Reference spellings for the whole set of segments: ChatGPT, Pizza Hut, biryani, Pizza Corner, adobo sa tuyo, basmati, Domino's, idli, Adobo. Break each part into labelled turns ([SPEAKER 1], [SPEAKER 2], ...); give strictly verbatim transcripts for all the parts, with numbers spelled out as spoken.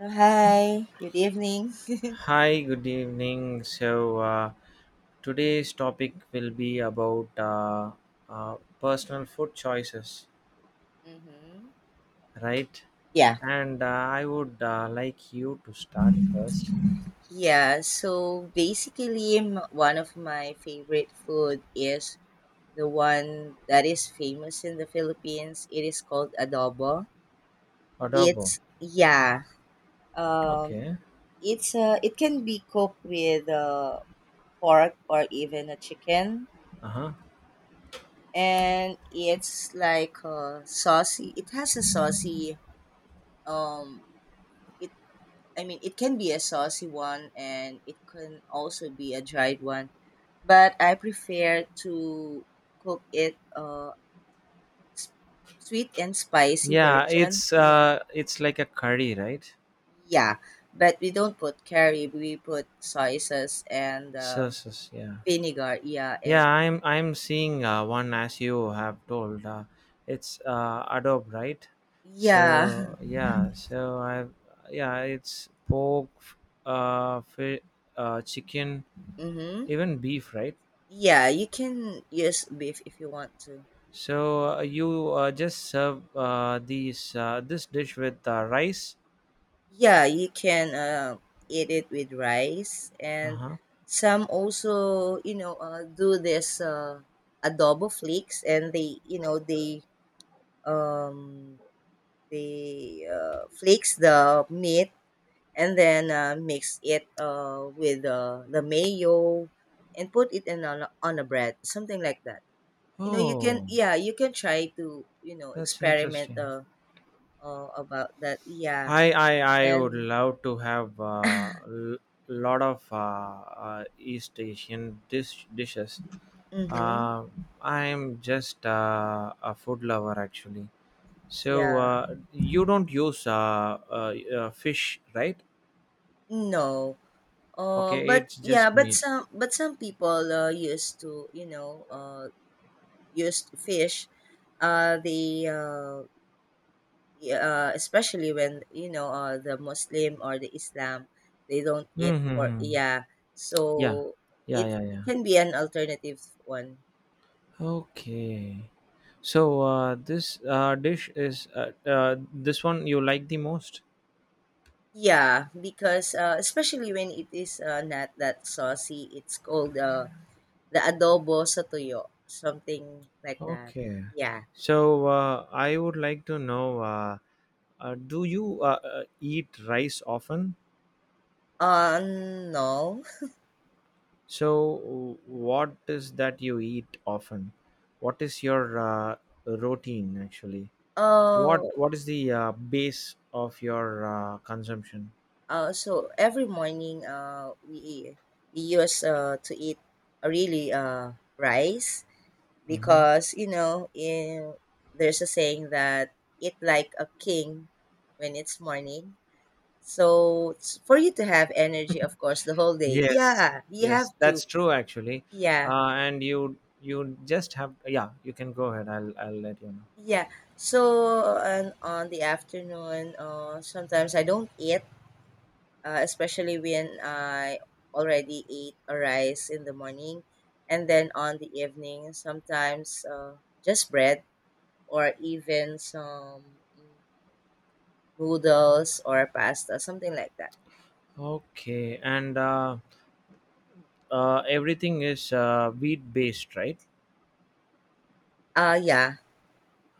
[SPEAKER 1] Uh, Hi, good evening.
[SPEAKER 2] Hi, good evening. So, uh, today's topic will be about uh, uh, personal food choices,
[SPEAKER 1] Mm-hmm.
[SPEAKER 2] right?
[SPEAKER 1] Yeah.
[SPEAKER 2] And uh, I would uh, like you to start first.
[SPEAKER 1] Yeah, so basically, m- one of my favorite food is the one that is famous in the Philippines. It is called adobo.
[SPEAKER 2] Adobo.
[SPEAKER 1] It's yeah, um,
[SPEAKER 2] Okay.
[SPEAKER 1] it's uh, it can be cooked with uh, pork or even a chicken,
[SPEAKER 2] Uh huh.
[SPEAKER 1] and it's like a saucy. It has a saucy. Um, it I mean, it can be a saucy one and it can also be a dried one. But I prefer to cook it uh, sweet and spicy
[SPEAKER 2] Yeah,
[SPEAKER 1] version.
[SPEAKER 2] it's
[SPEAKER 1] Yeah.
[SPEAKER 2] uh, it's like a curry, right?
[SPEAKER 1] Yeah. But we don't put curry, we put soy sauce and
[SPEAKER 2] So,
[SPEAKER 1] um,
[SPEAKER 2] so yeah.
[SPEAKER 1] vinegar. Yeah. And
[SPEAKER 2] Yeah, I'm I'm seeing uh, one as you have told. Uh, it's uh, Adobe, right?
[SPEAKER 1] yeah.
[SPEAKER 2] So yeah, so I yeah, it's pork, uh, fi- uh, chicken,
[SPEAKER 1] hmm
[SPEAKER 2] even beef, right?
[SPEAKER 1] Yeah. You can use beef if you want to.
[SPEAKER 2] So uh, you uh, just serve uh, these uh, this dish with uh, rice.
[SPEAKER 1] Yeah, you can uh, eat it with rice,
[SPEAKER 2] Uh
[SPEAKER 1] and
[SPEAKER 2] huh.
[SPEAKER 1] some also, you know, uh, do this uh, adobo flakes, and they, you know, they um, they uh, flakes the meat and then uh, mix it uh, with uh, the mayo and put it in on a, on a bread, something like that. You know, you can,
[SPEAKER 2] Oh,
[SPEAKER 1] yeah, you can try to, you know,
[SPEAKER 2] that's
[SPEAKER 1] experiment
[SPEAKER 2] interesting.
[SPEAKER 1] uh, uh, about that. Yeah,
[SPEAKER 2] I I I would
[SPEAKER 1] and
[SPEAKER 2] love to have a uh, l- lot of uh, uh, East Asian dish dishes.
[SPEAKER 1] mm-hmm,
[SPEAKER 2] Uh, I'm just uh, a food lover actually. So
[SPEAKER 1] yeah.
[SPEAKER 2] uh, you don't use uh, uh, uh, fish, right?
[SPEAKER 1] No, uh,
[SPEAKER 2] Okay,
[SPEAKER 1] but
[SPEAKER 2] it's
[SPEAKER 1] yeah,
[SPEAKER 2] just
[SPEAKER 1] but
[SPEAKER 2] meat.
[SPEAKER 1] some but some people uh, used to you know uh, used to fish. Uh, they uh, y- uh, especially when you know uh, the Muslim or the Islam, they don't eat pork.
[SPEAKER 2] Mm-hmm.
[SPEAKER 1] Yeah. So
[SPEAKER 2] Yeah, yeah,
[SPEAKER 1] it
[SPEAKER 2] yeah,
[SPEAKER 1] it
[SPEAKER 2] yeah.
[SPEAKER 1] can be an alternative one.
[SPEAKER 2] Okay. So uh, this uh, dish is uh, uh, this one you like the most?
[SPEAKER 1] Yeah, because uh, especially when it is uh, not that saucy, it's called uh, the adobo sa tuyo, something like that.
[SPEAKER 2] Okay.
[SPEAKER 1] Yeah.
[SPEAKER 2] So uh, I would like to know, uh, uh, do you uh, uh, eat rice often?
[SPEAKER 1] Uh, no.
[SPEAKER 2] So, w- what is that you eat often? What is your uh, routine actually? What
[SPEAKER 1] Oh,
[SPEAKER 2] what is the uh, base of your uh, consumption?
[SPEAKER 1] uh, so every morning, uh, we we used uh, to eat uh, really uh, rice
[SPEAKER 2] Hmm.
[SPEAKER 1] because you know in there's a saying that eat like a king when it's morning. So it's for you to have energy, of course, the whole day.
[SPEAKER 2] Yes,
[SPEAKER 1] Yeah, you have
[SPEAKER 2] yes,
[SPEAKER 1] to.
[SPEAKER 2] that's true actually.
[SPEAKER 1] Yeah,
[SPEAKER 2] Uh, and you you just have yeah. You can go ahead. I'll I'll let you
[SPEAKER 1] yeah. So and on the afternoon, uh, sometimes I don't eat uh, especially when I already ate a rice in the morning, and then on the evening, sometimes uh, just bread or even some mm, noodles or pasta, something like that.
[SPEAKER 2] know. Okay, and uh, uh, everything is uh, wheat based, right?
[SPEAKER 1] Uh, yeah.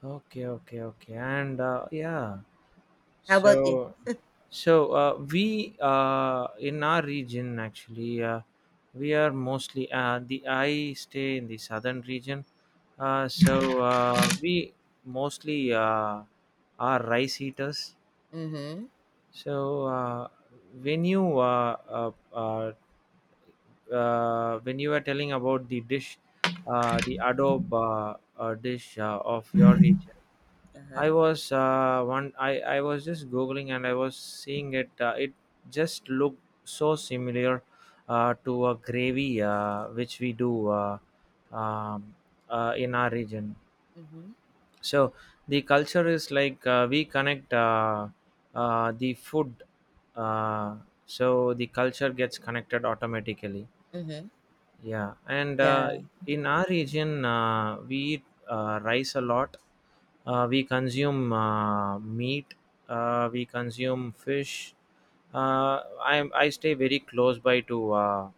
[SPEAKER 2] Okay, okay, okay, and uh, yeah.
[SPEAKER 1] How about you?
[SPEAKER 2] So, so uh, we uh, in our region actually uh, we are mostly uh, the I stay in the southern region. Uh, so uh, we mostly uh, are rice eaters.
[SPEAKER 1] Mm-hmm.
[SPEAKER 2] So uh, when you uh, uh, uh, uh, when you were telling about the dish, uh, the adobe uh, uh, dish uh, of your region. I
[SPEAKER 1] Uh-huh.
[SPEAKER 2] was uh, one. I I was just googling and I was seeing it. Uh, it just looked so similar uh, to a gravy uh, which we do uh, um, uh, in our region.
[SPEAKER 1] Mm-hmm.
[SPEAKER 2] So the culture is like uh, we connect uh, uh, the food. Uh, so the culture gets connected automatically,
[SPEAKER 1] Mm-hmm.
[SPEAKER 2] yeah, and uh,
[SPEAKER 1] Yeah.
[SPEAKER 2] in our region, uh, we eat uh, rice a lot. Uh, we consume uh, meat. Uh, we consume fish. Uh, I I stay very close by to uh,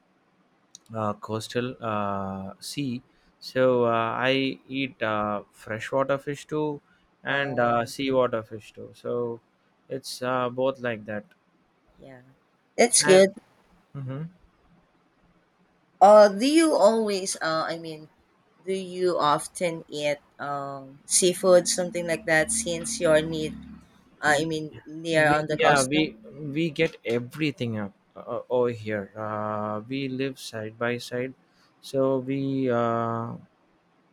[SPEAKER 2] uh, coastal uh, sea, so uh, I eat uh, freshwater fish too, and uh,
[SPEAKER 1] Wow.
[SPEAKER 2] seawater fish too. So it's uh, both like that.
[SPEAKER 1] Yeah. That's
[SPEAKER 2] And
[SPEAKER 1] good.
[SPEAKER 2] mhm.
[SPEAKER 1] Uh, do you always, uh, I mean, do you often eat um, seafood, something like that, since your need. I mean, near
[SPEAKER 2] we
[SPEAKER 1] on the
[SPEAKER 2] yeah,
[SPEAKER 1] custom.
[SPEAKER 2] we we get everything up uh, uh, over here. Uh, we live side by side, so we uh,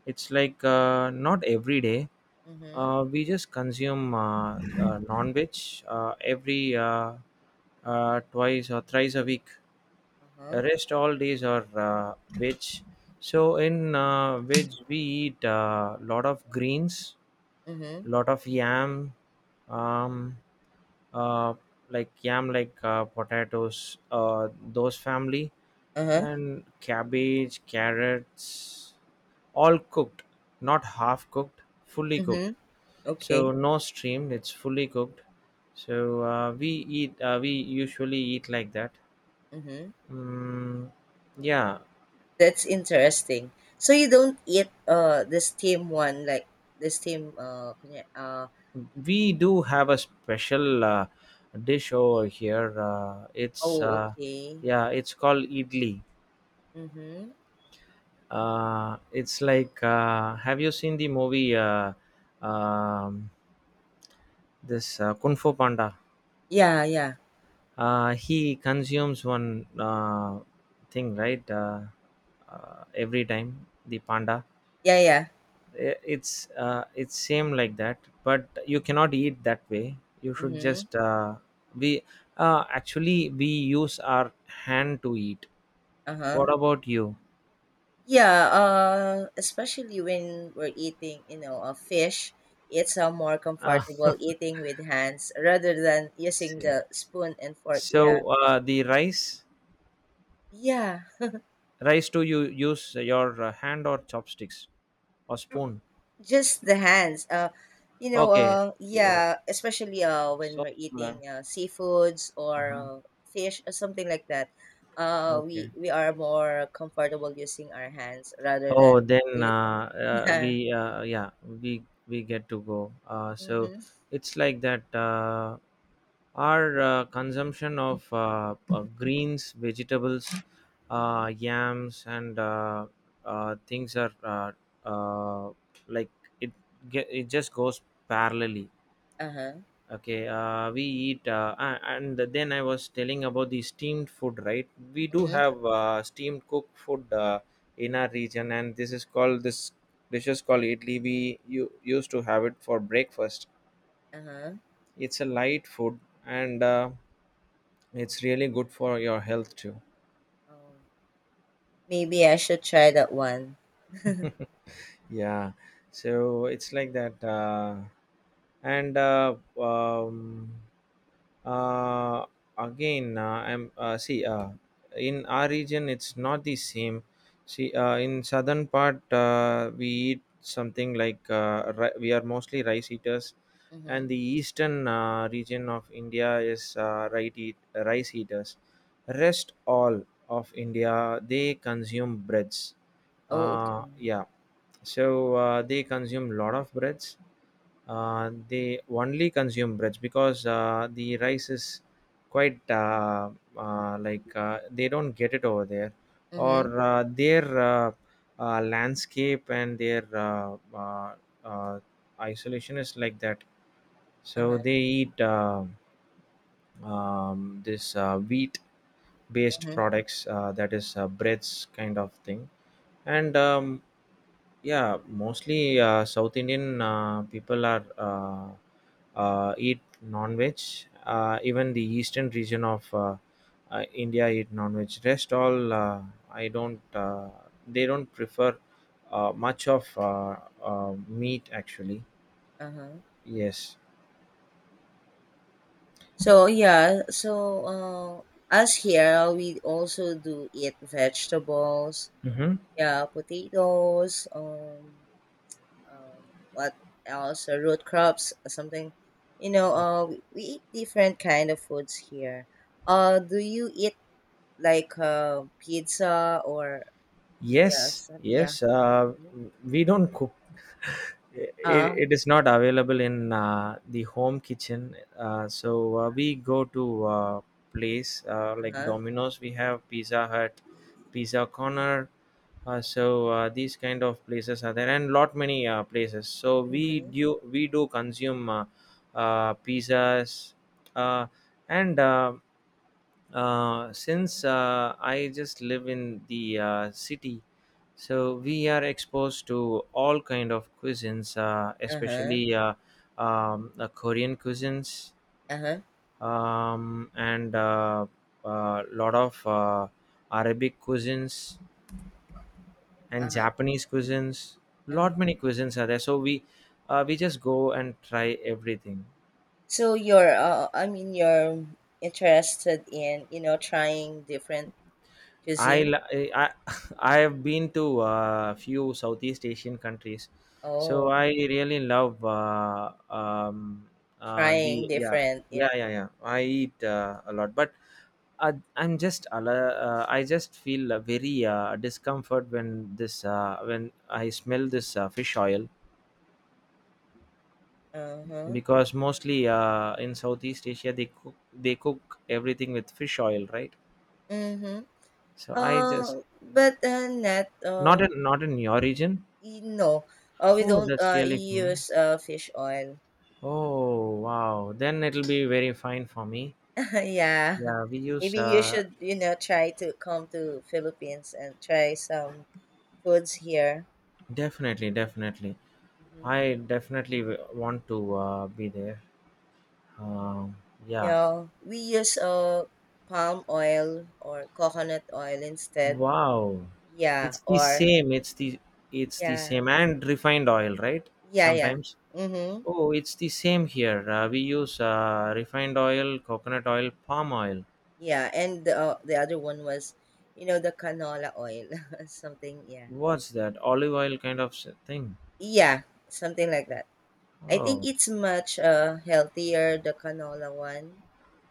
[SPEAKER 2] it's like uh, not every day
[SPEAKER 1] Mm-hmm.
[SPEAKER 2] uh, we just consume uh, uh, non-veg uh, every uh, uh, twice or thrice a week.
[SPEAKER 1] Uh-huh.
[SPEAKER 2] Rest all days are uh, veg. So in uh, veg we eat a lot of greens,
[SPEAKER 1] Mm-hmm.
[SPEAKER 2] lot of yam, um uh like yam, like uh, potatoes, uh those family,
[SPEAKER 1] Uh-huh.
[SPEAKER 2] and cabbage, carrots, all cooked, not half cooked, fully cooked.
[SPEAKER 1] Mm-hmm.
[SPEAKER 2] So
[SPEAKER 1] Okay.
[SPEAKER 2] no steamed, it's fully cooked. So uh, we eat uh, we usually eat like that.
[SPEAKER 1] Mm-hmm.
[SPEAKER 2] Mm, yeah.
[SPEAKER 1] That's interesting. So you don't eat uh the steam one like the steam uh kunya- uh
[SPEAKER 2] We do have a special uh, dish over here. Uh, it's
[SPEAKER 1] oh
[SPEAKER 2] uh,
[SPEAKER 1] okay.
[SPEAKER 2] Yeah, it's called idli.
[SPEAKER 1] Mm-hmm.
[SPEAKER 2] Uh, it's like uh, have you seen the movie uh, um, this uh, kung fu panda?
[SPEAKER 1] Yeah, yeah.
[SPEAKER 2] Uh, he consumes one uh, thing right, uh, uh, every time the panda.
[SPEAKER 1] Yeah, yeah.
[SPEAKER 2] I- it's uh, it's same like that, but you cannot eat that way, you should
[SPEAKER 1] Mm-hmm.
[SPEAKER 2] just uh, we uh, actually we use our hand to eat.
[SPEAKER 1] Uh-huh.
[SPEAKER 2] What about you?
[SPEAKER 1] Yeah, uh especially when we're eating, you know, a fish, it's uh, more
[SPEAKER 2] uh,
[SPEAKER 1] comfortable eating with hands rather than using the spoon and fork. Yeah.
[SPEAKER 2] so uh, the rice
[SPEAKER 1] Yeah.
[SPEAKER 2] rice, do you use your uh, hand or chopsticks or spoon?
[SPEAKER 1] Just the hands. Uh, you know,
[SPEAKER 2] Okay,
[SPEAKER 1] uh,
[SPEAKER 2] yeah,
[SPEAKER 1] yeah, especially uh, when
[SPEAKER 2] so
[SPEAKER 1] we're
[SPEAKER 2] learn.
[SPEAKER 1] eating uh, seafoods or
[SPEAKER 2] Uh-huh.
[SPEAKER 1] uh, fish or something like that, uh,
[SPEAKER 2] Okay,
[SPEAKER 1] we we are more comfortable using our hands rather
[SPEAKER 2] oh
[SPEAKER 1] than the
[SPEAKER 2] then
[SPEAKER 1] utensils.
[SPEAKER 2] uh, uh,
[SPEAKER 1] Yeah.
[SPEAKER 2] we uh, yeah, we we get to go uh, so
[SPEAKER 1] Mm-hmm.
[SPEAKER 2] it's like that. Uh, our uh, consumption of uh, uh, greens, vegetables,
[SPEAKER 1] Mm-hmm.
[SPEAKER 2] uh, yams, and uh, uh, things are uh, uh, like it ge- it just goes parallelly.
[SPEAKER 1] Uh-huh.
[SPEAKER 2] Okay, uh, we eat, uh, a- and then I was telling about the steamed food, right? We do
[SPEAKER 1] Mm-hmm.
[SPEAKER 2] have uh, steamed cooked food uh, in our region, and this is called this dish is called idli. We, you, used to have it for breakfast.
[SPEAKER 1] Uh-huh.
[SPEAKER 2] It's a light food, and uh, it's really good for your health too.
[SPEAKER 1] Oh, maybe I should try that one.
[SPEAKER 2] Yeah, so it's like that, uh, and uh, um, uh, again, uh, I'm uh, see uh, in our region it's not the same. See, uh, in southern part uh, we eat something like uh, ri- we are mostly rice eaters, and
[SPEAKER 1] Mm-hmm.
[SPEAKER 2] the eastern uh, region of India is uh, rice eat- rice eaters. Rest all of India they consume breads.
[SPEAKER 1] Oh,
[SPEAKER 2] Uh,
[SPEAKER 1] okay.
[SPEAKER 2] yeah, so uh, they consume lot of breads. Uh, they only consume breads because uh, the rice is quite uh, uh, like uh, they don't get it over there,
[SPEAKER 1] Mm-hmm.
[SPEAKER 2] or uh, their uh, uh, landscape and their uh, uh, uh, isolation is like that,
[SPEAKER 1] Uh-huh.
[SPEAKER 2] so they eat uh, um, this uh, wheat based
[SPEAKER 1] Mm-hmm.
[SPEAKER 2] products, uh, that is uh, breads kind of thing. And um, yeah, mostly uh, South Indian uh, people are uh, uh, eat non-veg. Uh, even the eastern region of uh, uh, India eat non-veg. Rest all uh, I don't. Uh, they don't prefer uh, much of uh, uh, meat actually.
[SPEAKER 1] Uh-huh.
[SPEAKER 2] Yes.
[SPEAKER 1] So yeah, so uh, us here we also do eat vegetables.
[SPEAKER 2] Mm-hmm.
[SPEAKER 1] Yeah, potatoes, um, um, what else? Uh, root crops, uh, something. You know, uh, we, we eat different kind of foods here. Uh, do you eat like uh, pizza or yeah,
[SPEAKER 2] Yes,
[SPEAKER 1] some, yeah.
[SPEAKER 2] yes. Uh,
[SPEAKER 1] Mhm.
[SPEAKER 2] we don't cook. It,
[SPEAKER 1] Uh,
[SPEAKER 2] it is not available in uh, the home kitchen. Uh, so uh, we go to uh, place uh, like
[SPEAKER 1] uh-huh.
[SPEAKER 2] Domino's. We have Pizza Hut, Pizza Corner. Uh, so uh, these kind of places are there, and lot many uh, places. So we
[SPEAKER 1] Mm-hmm.
[SPEAKER 2] do we do consume uh, uh, pizzas, uh, and. Uh, uh, since uh, I just live in the uh, city, so we are exposed to all kind of cuisines, uh,
[SPEAKER 1] Uh-huh.
[SPEAKER 2] especially uh, um, uh, Korean cuisines,
[SPEAKER 1] Uh-huh.
[SPEAKER 2] um, and a uh, uh, lot of uh, Arabic cuisines and
[SPEAKER 1] Uh-huh.
[SPEAKER 2] Japanese cuisines.
[SPEAKER 1] Uh-huh.
[SPEAKER 2] Lot many cuisines are there, so we uh, we just go and try everything.
[SPEAKER 1] So you're uh, I mean you're interested in, you know, trying different
[SPEAKER 2] I
[SPEAKER 1] cuisine?
[SPEAKER 2] li- I I have been to a few Southeast Asian countries, so
[SPEAKER 1] Oh,
[SPEAKER 2] I really love uh, um, uh,
[SPEAKER 1] trying
[SPEAKER 2] the yeah
[SPEAKER 1] different. Yeah.
[SPEAKER 2] yeah yeah yeah. I eat uh, a lot, but uh, I'm just ala- uh, I just feel uh, very uh, discomfort when this uh, when I smell this uh, fish oil,
[SPEAKER 1] Uh-huh.
[SPEAKER 2] because mostly uh, in Southeast Asia they cook they cook everything with fish oil, right?
[SPEAKER 1] Mm-hmm.
[SPEAKER 2] So I just
[SPEAKER 1] Uh, but uh, not
[SPEAKER 2] not
[SPEAKER 1] uh,
[SPEAKER 2] in not in your region.
[SPEAKER 1] y- No, uh, we
[SPEAKER 2] Oh,
[SPEAKER 1] don't
[SPEAKER 2] that's
[SPEAKER 1] uh,
[SPEAKER 2] really fun.
[SPEAKER 1] use uh, fish oil.
[SPEAKER 2] Oh wow, then it'll be very fine for me.
[SPEAKER 1] Yeah,
[SPEAKER 2] Yeah, we use
[SPEAKER 1] maybe you
[SPEAKER 2] uh,
[SPEAKER 1] should you know try to come to Philippines and try some foods here.
[SPEAKER 2] definitely, definitely.
[SPEAKER 1] Mm-hmm.
[SPEAKER 2] I definitely w- want to uh, be there. Um, yeah,
[SPEAKER 1] Yeah, we use uh, palm oil or coconut oil instead.
[SPEAKER 2] wow,
[SPEAKER 1] Yeah,
[SPEAKER 2] it's the
[SPEAKER 1] or
[SPEAKER 2] same. It's the it's the
[SPEAKER 1] yeah,
[SPEAKER 2] same and refined oil, right?
[SPEAKER 1] yeah, yeah.
[SPEAKER 2] Sometimes.
[SPEAKER 1] Mm-hmm.
[SPEAKER 2] Oh, it's the same here. Uh, we use uh, refined oil, coconut oil, palm oil.
[SPEAKER 1] Yeah, and the, uh, the other one was, you know, the canola oil, something. Yeah.
[SPEAKER 2] What's that? Olive oil kind of s- thing.
[SPEAKER 1] Yeah, something like that. I think
[SPEAKER 2] Oh,
[SPEAKER 1] it's much, uh, healthier, the canola one.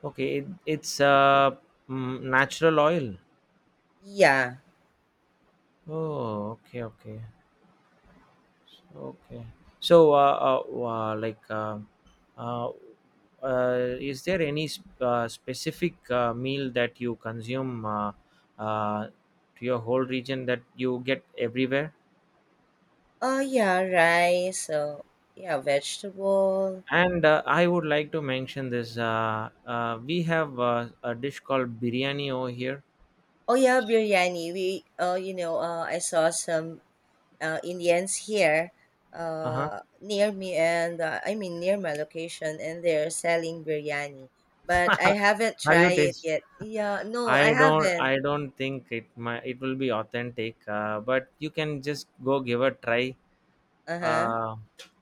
[SPEAKER 2] okay. It, it's
[SPEAKER 1] Mhm.
[SPEAKER 2] uh, mm, natural oil.
[SPEAKER 1] Yeah.
[SPEAKER 2] Oh, okay, okay, okay. So, uh, uh, uh, like, um uh, uh, is there any sp- uh, specific uh, meal that you consume uh, uh, to your whole region that you get everywhere?
[SPEAKER 1] Oh, yeah, rice. So, yeah, vegetable.
[SPEAKER 2] And uh, I would like to mention this. Uh, uh, we have uh, a dish called biryani over here.
[SPEAKER 1] Oh, yeah, biryani. We, oh, you know, uh, I saw some uh, Indians here
[SPEAKER 2] Uh-huh.
[SPEAKER 1] uh, near me, and uh, I mean, near my location, and they're selling biryani. But I haven't
[SPEAKER 2] Have you
[SPEAKER 1] tried it
[SPEAKER 2] tasted?
[SPEAKER 1] yet. Yeah, no, I
[SPEAKER 2] I don't
[SPEAKER 1] haven't.
[SPEAKER 2] I don't think it, my it will be authentic, uh, but you can just go give a try.
[SPEAKER 1] Uh huh.
[SPEAKER 2] Uh,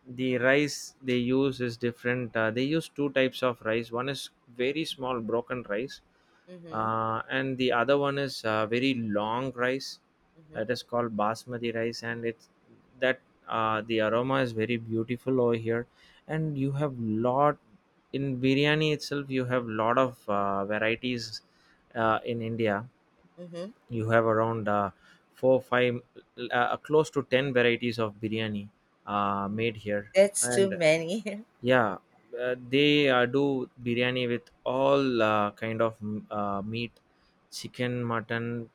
[SPEAKER 2] the rice they use is different. Uh, they use two types of rice. One is very small broken rice,
[SPEAKER 1] Mm hmm.
[SPEAKER 2] uh, and the other one is uh, very long rice.
[SPEAKER 1] Mm hmm.
[SPEAKER 2] That is called basmati rice, and it's that uh, the aroma is very beautiful over here, and you have lot, in biryani itself you have lot of uh, varieties uh, in india,
[SPEAKER 1] Mm hmm.
[SPEAKER 2] you have around uh, four five uh, uh, close to ten varieties of biryani uh,
[SPEAKER 1] Mm.
[SPEAKER 2] made here.
[SPEAKER 1] That's too
[SPEAKER 2] And
[SPEAKER 1] many.
[SPEAKER 2] yeah, uh, they uh, do biryani with all uh, kind of mm, uh, meat, chicken, mutton,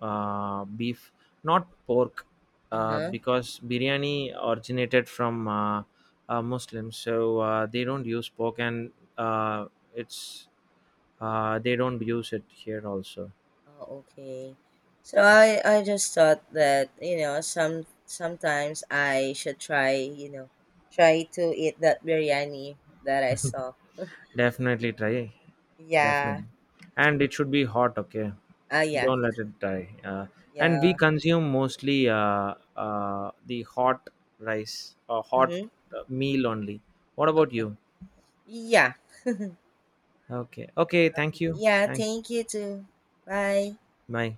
[SPEAKER 2] uh, beef, not pork, uh,
[SPEAKER 1] Uh-huh.
[SPEAKER 2] because biryani originated from uh, uh, Muslims, so uh, they don't use pork, and uh, it's uh, they don't use it here also.
[SPEAKER 1] Oh, okay. So I I just thought that, you know, some sometimes I should try, you know, try to eat that biryani that I saw.
[SPEAKER 2] Definitely try,
[SPEAKER 1] Yeah.
[SPEAKER 2] definitely, and it should be hot. Okay,
[SPEAKER 1] Ah, yeah.
[SPEAKER 2] don't let it die. Uh, and we
[SPEAKER 1] Yeah.
[SPEAKER 2] consume mostly uh, uh, the hot rice or hot
[SPEAKER 1] Mm-hmm.
[SPEAKER 2] uh, meal only. What about
[SPEAKER 1] Okay.
[SPEAKER 2] you?
[SPEAKER 1] Yeah.
[SPEAKER 2] Okay, okay, thank you.
[SPEAKER 1] Yeah,
[SPEAKER 2] Thanks.
[SPEAKER 1] thank you too. Bye.
[SPEAKER 2] Bye.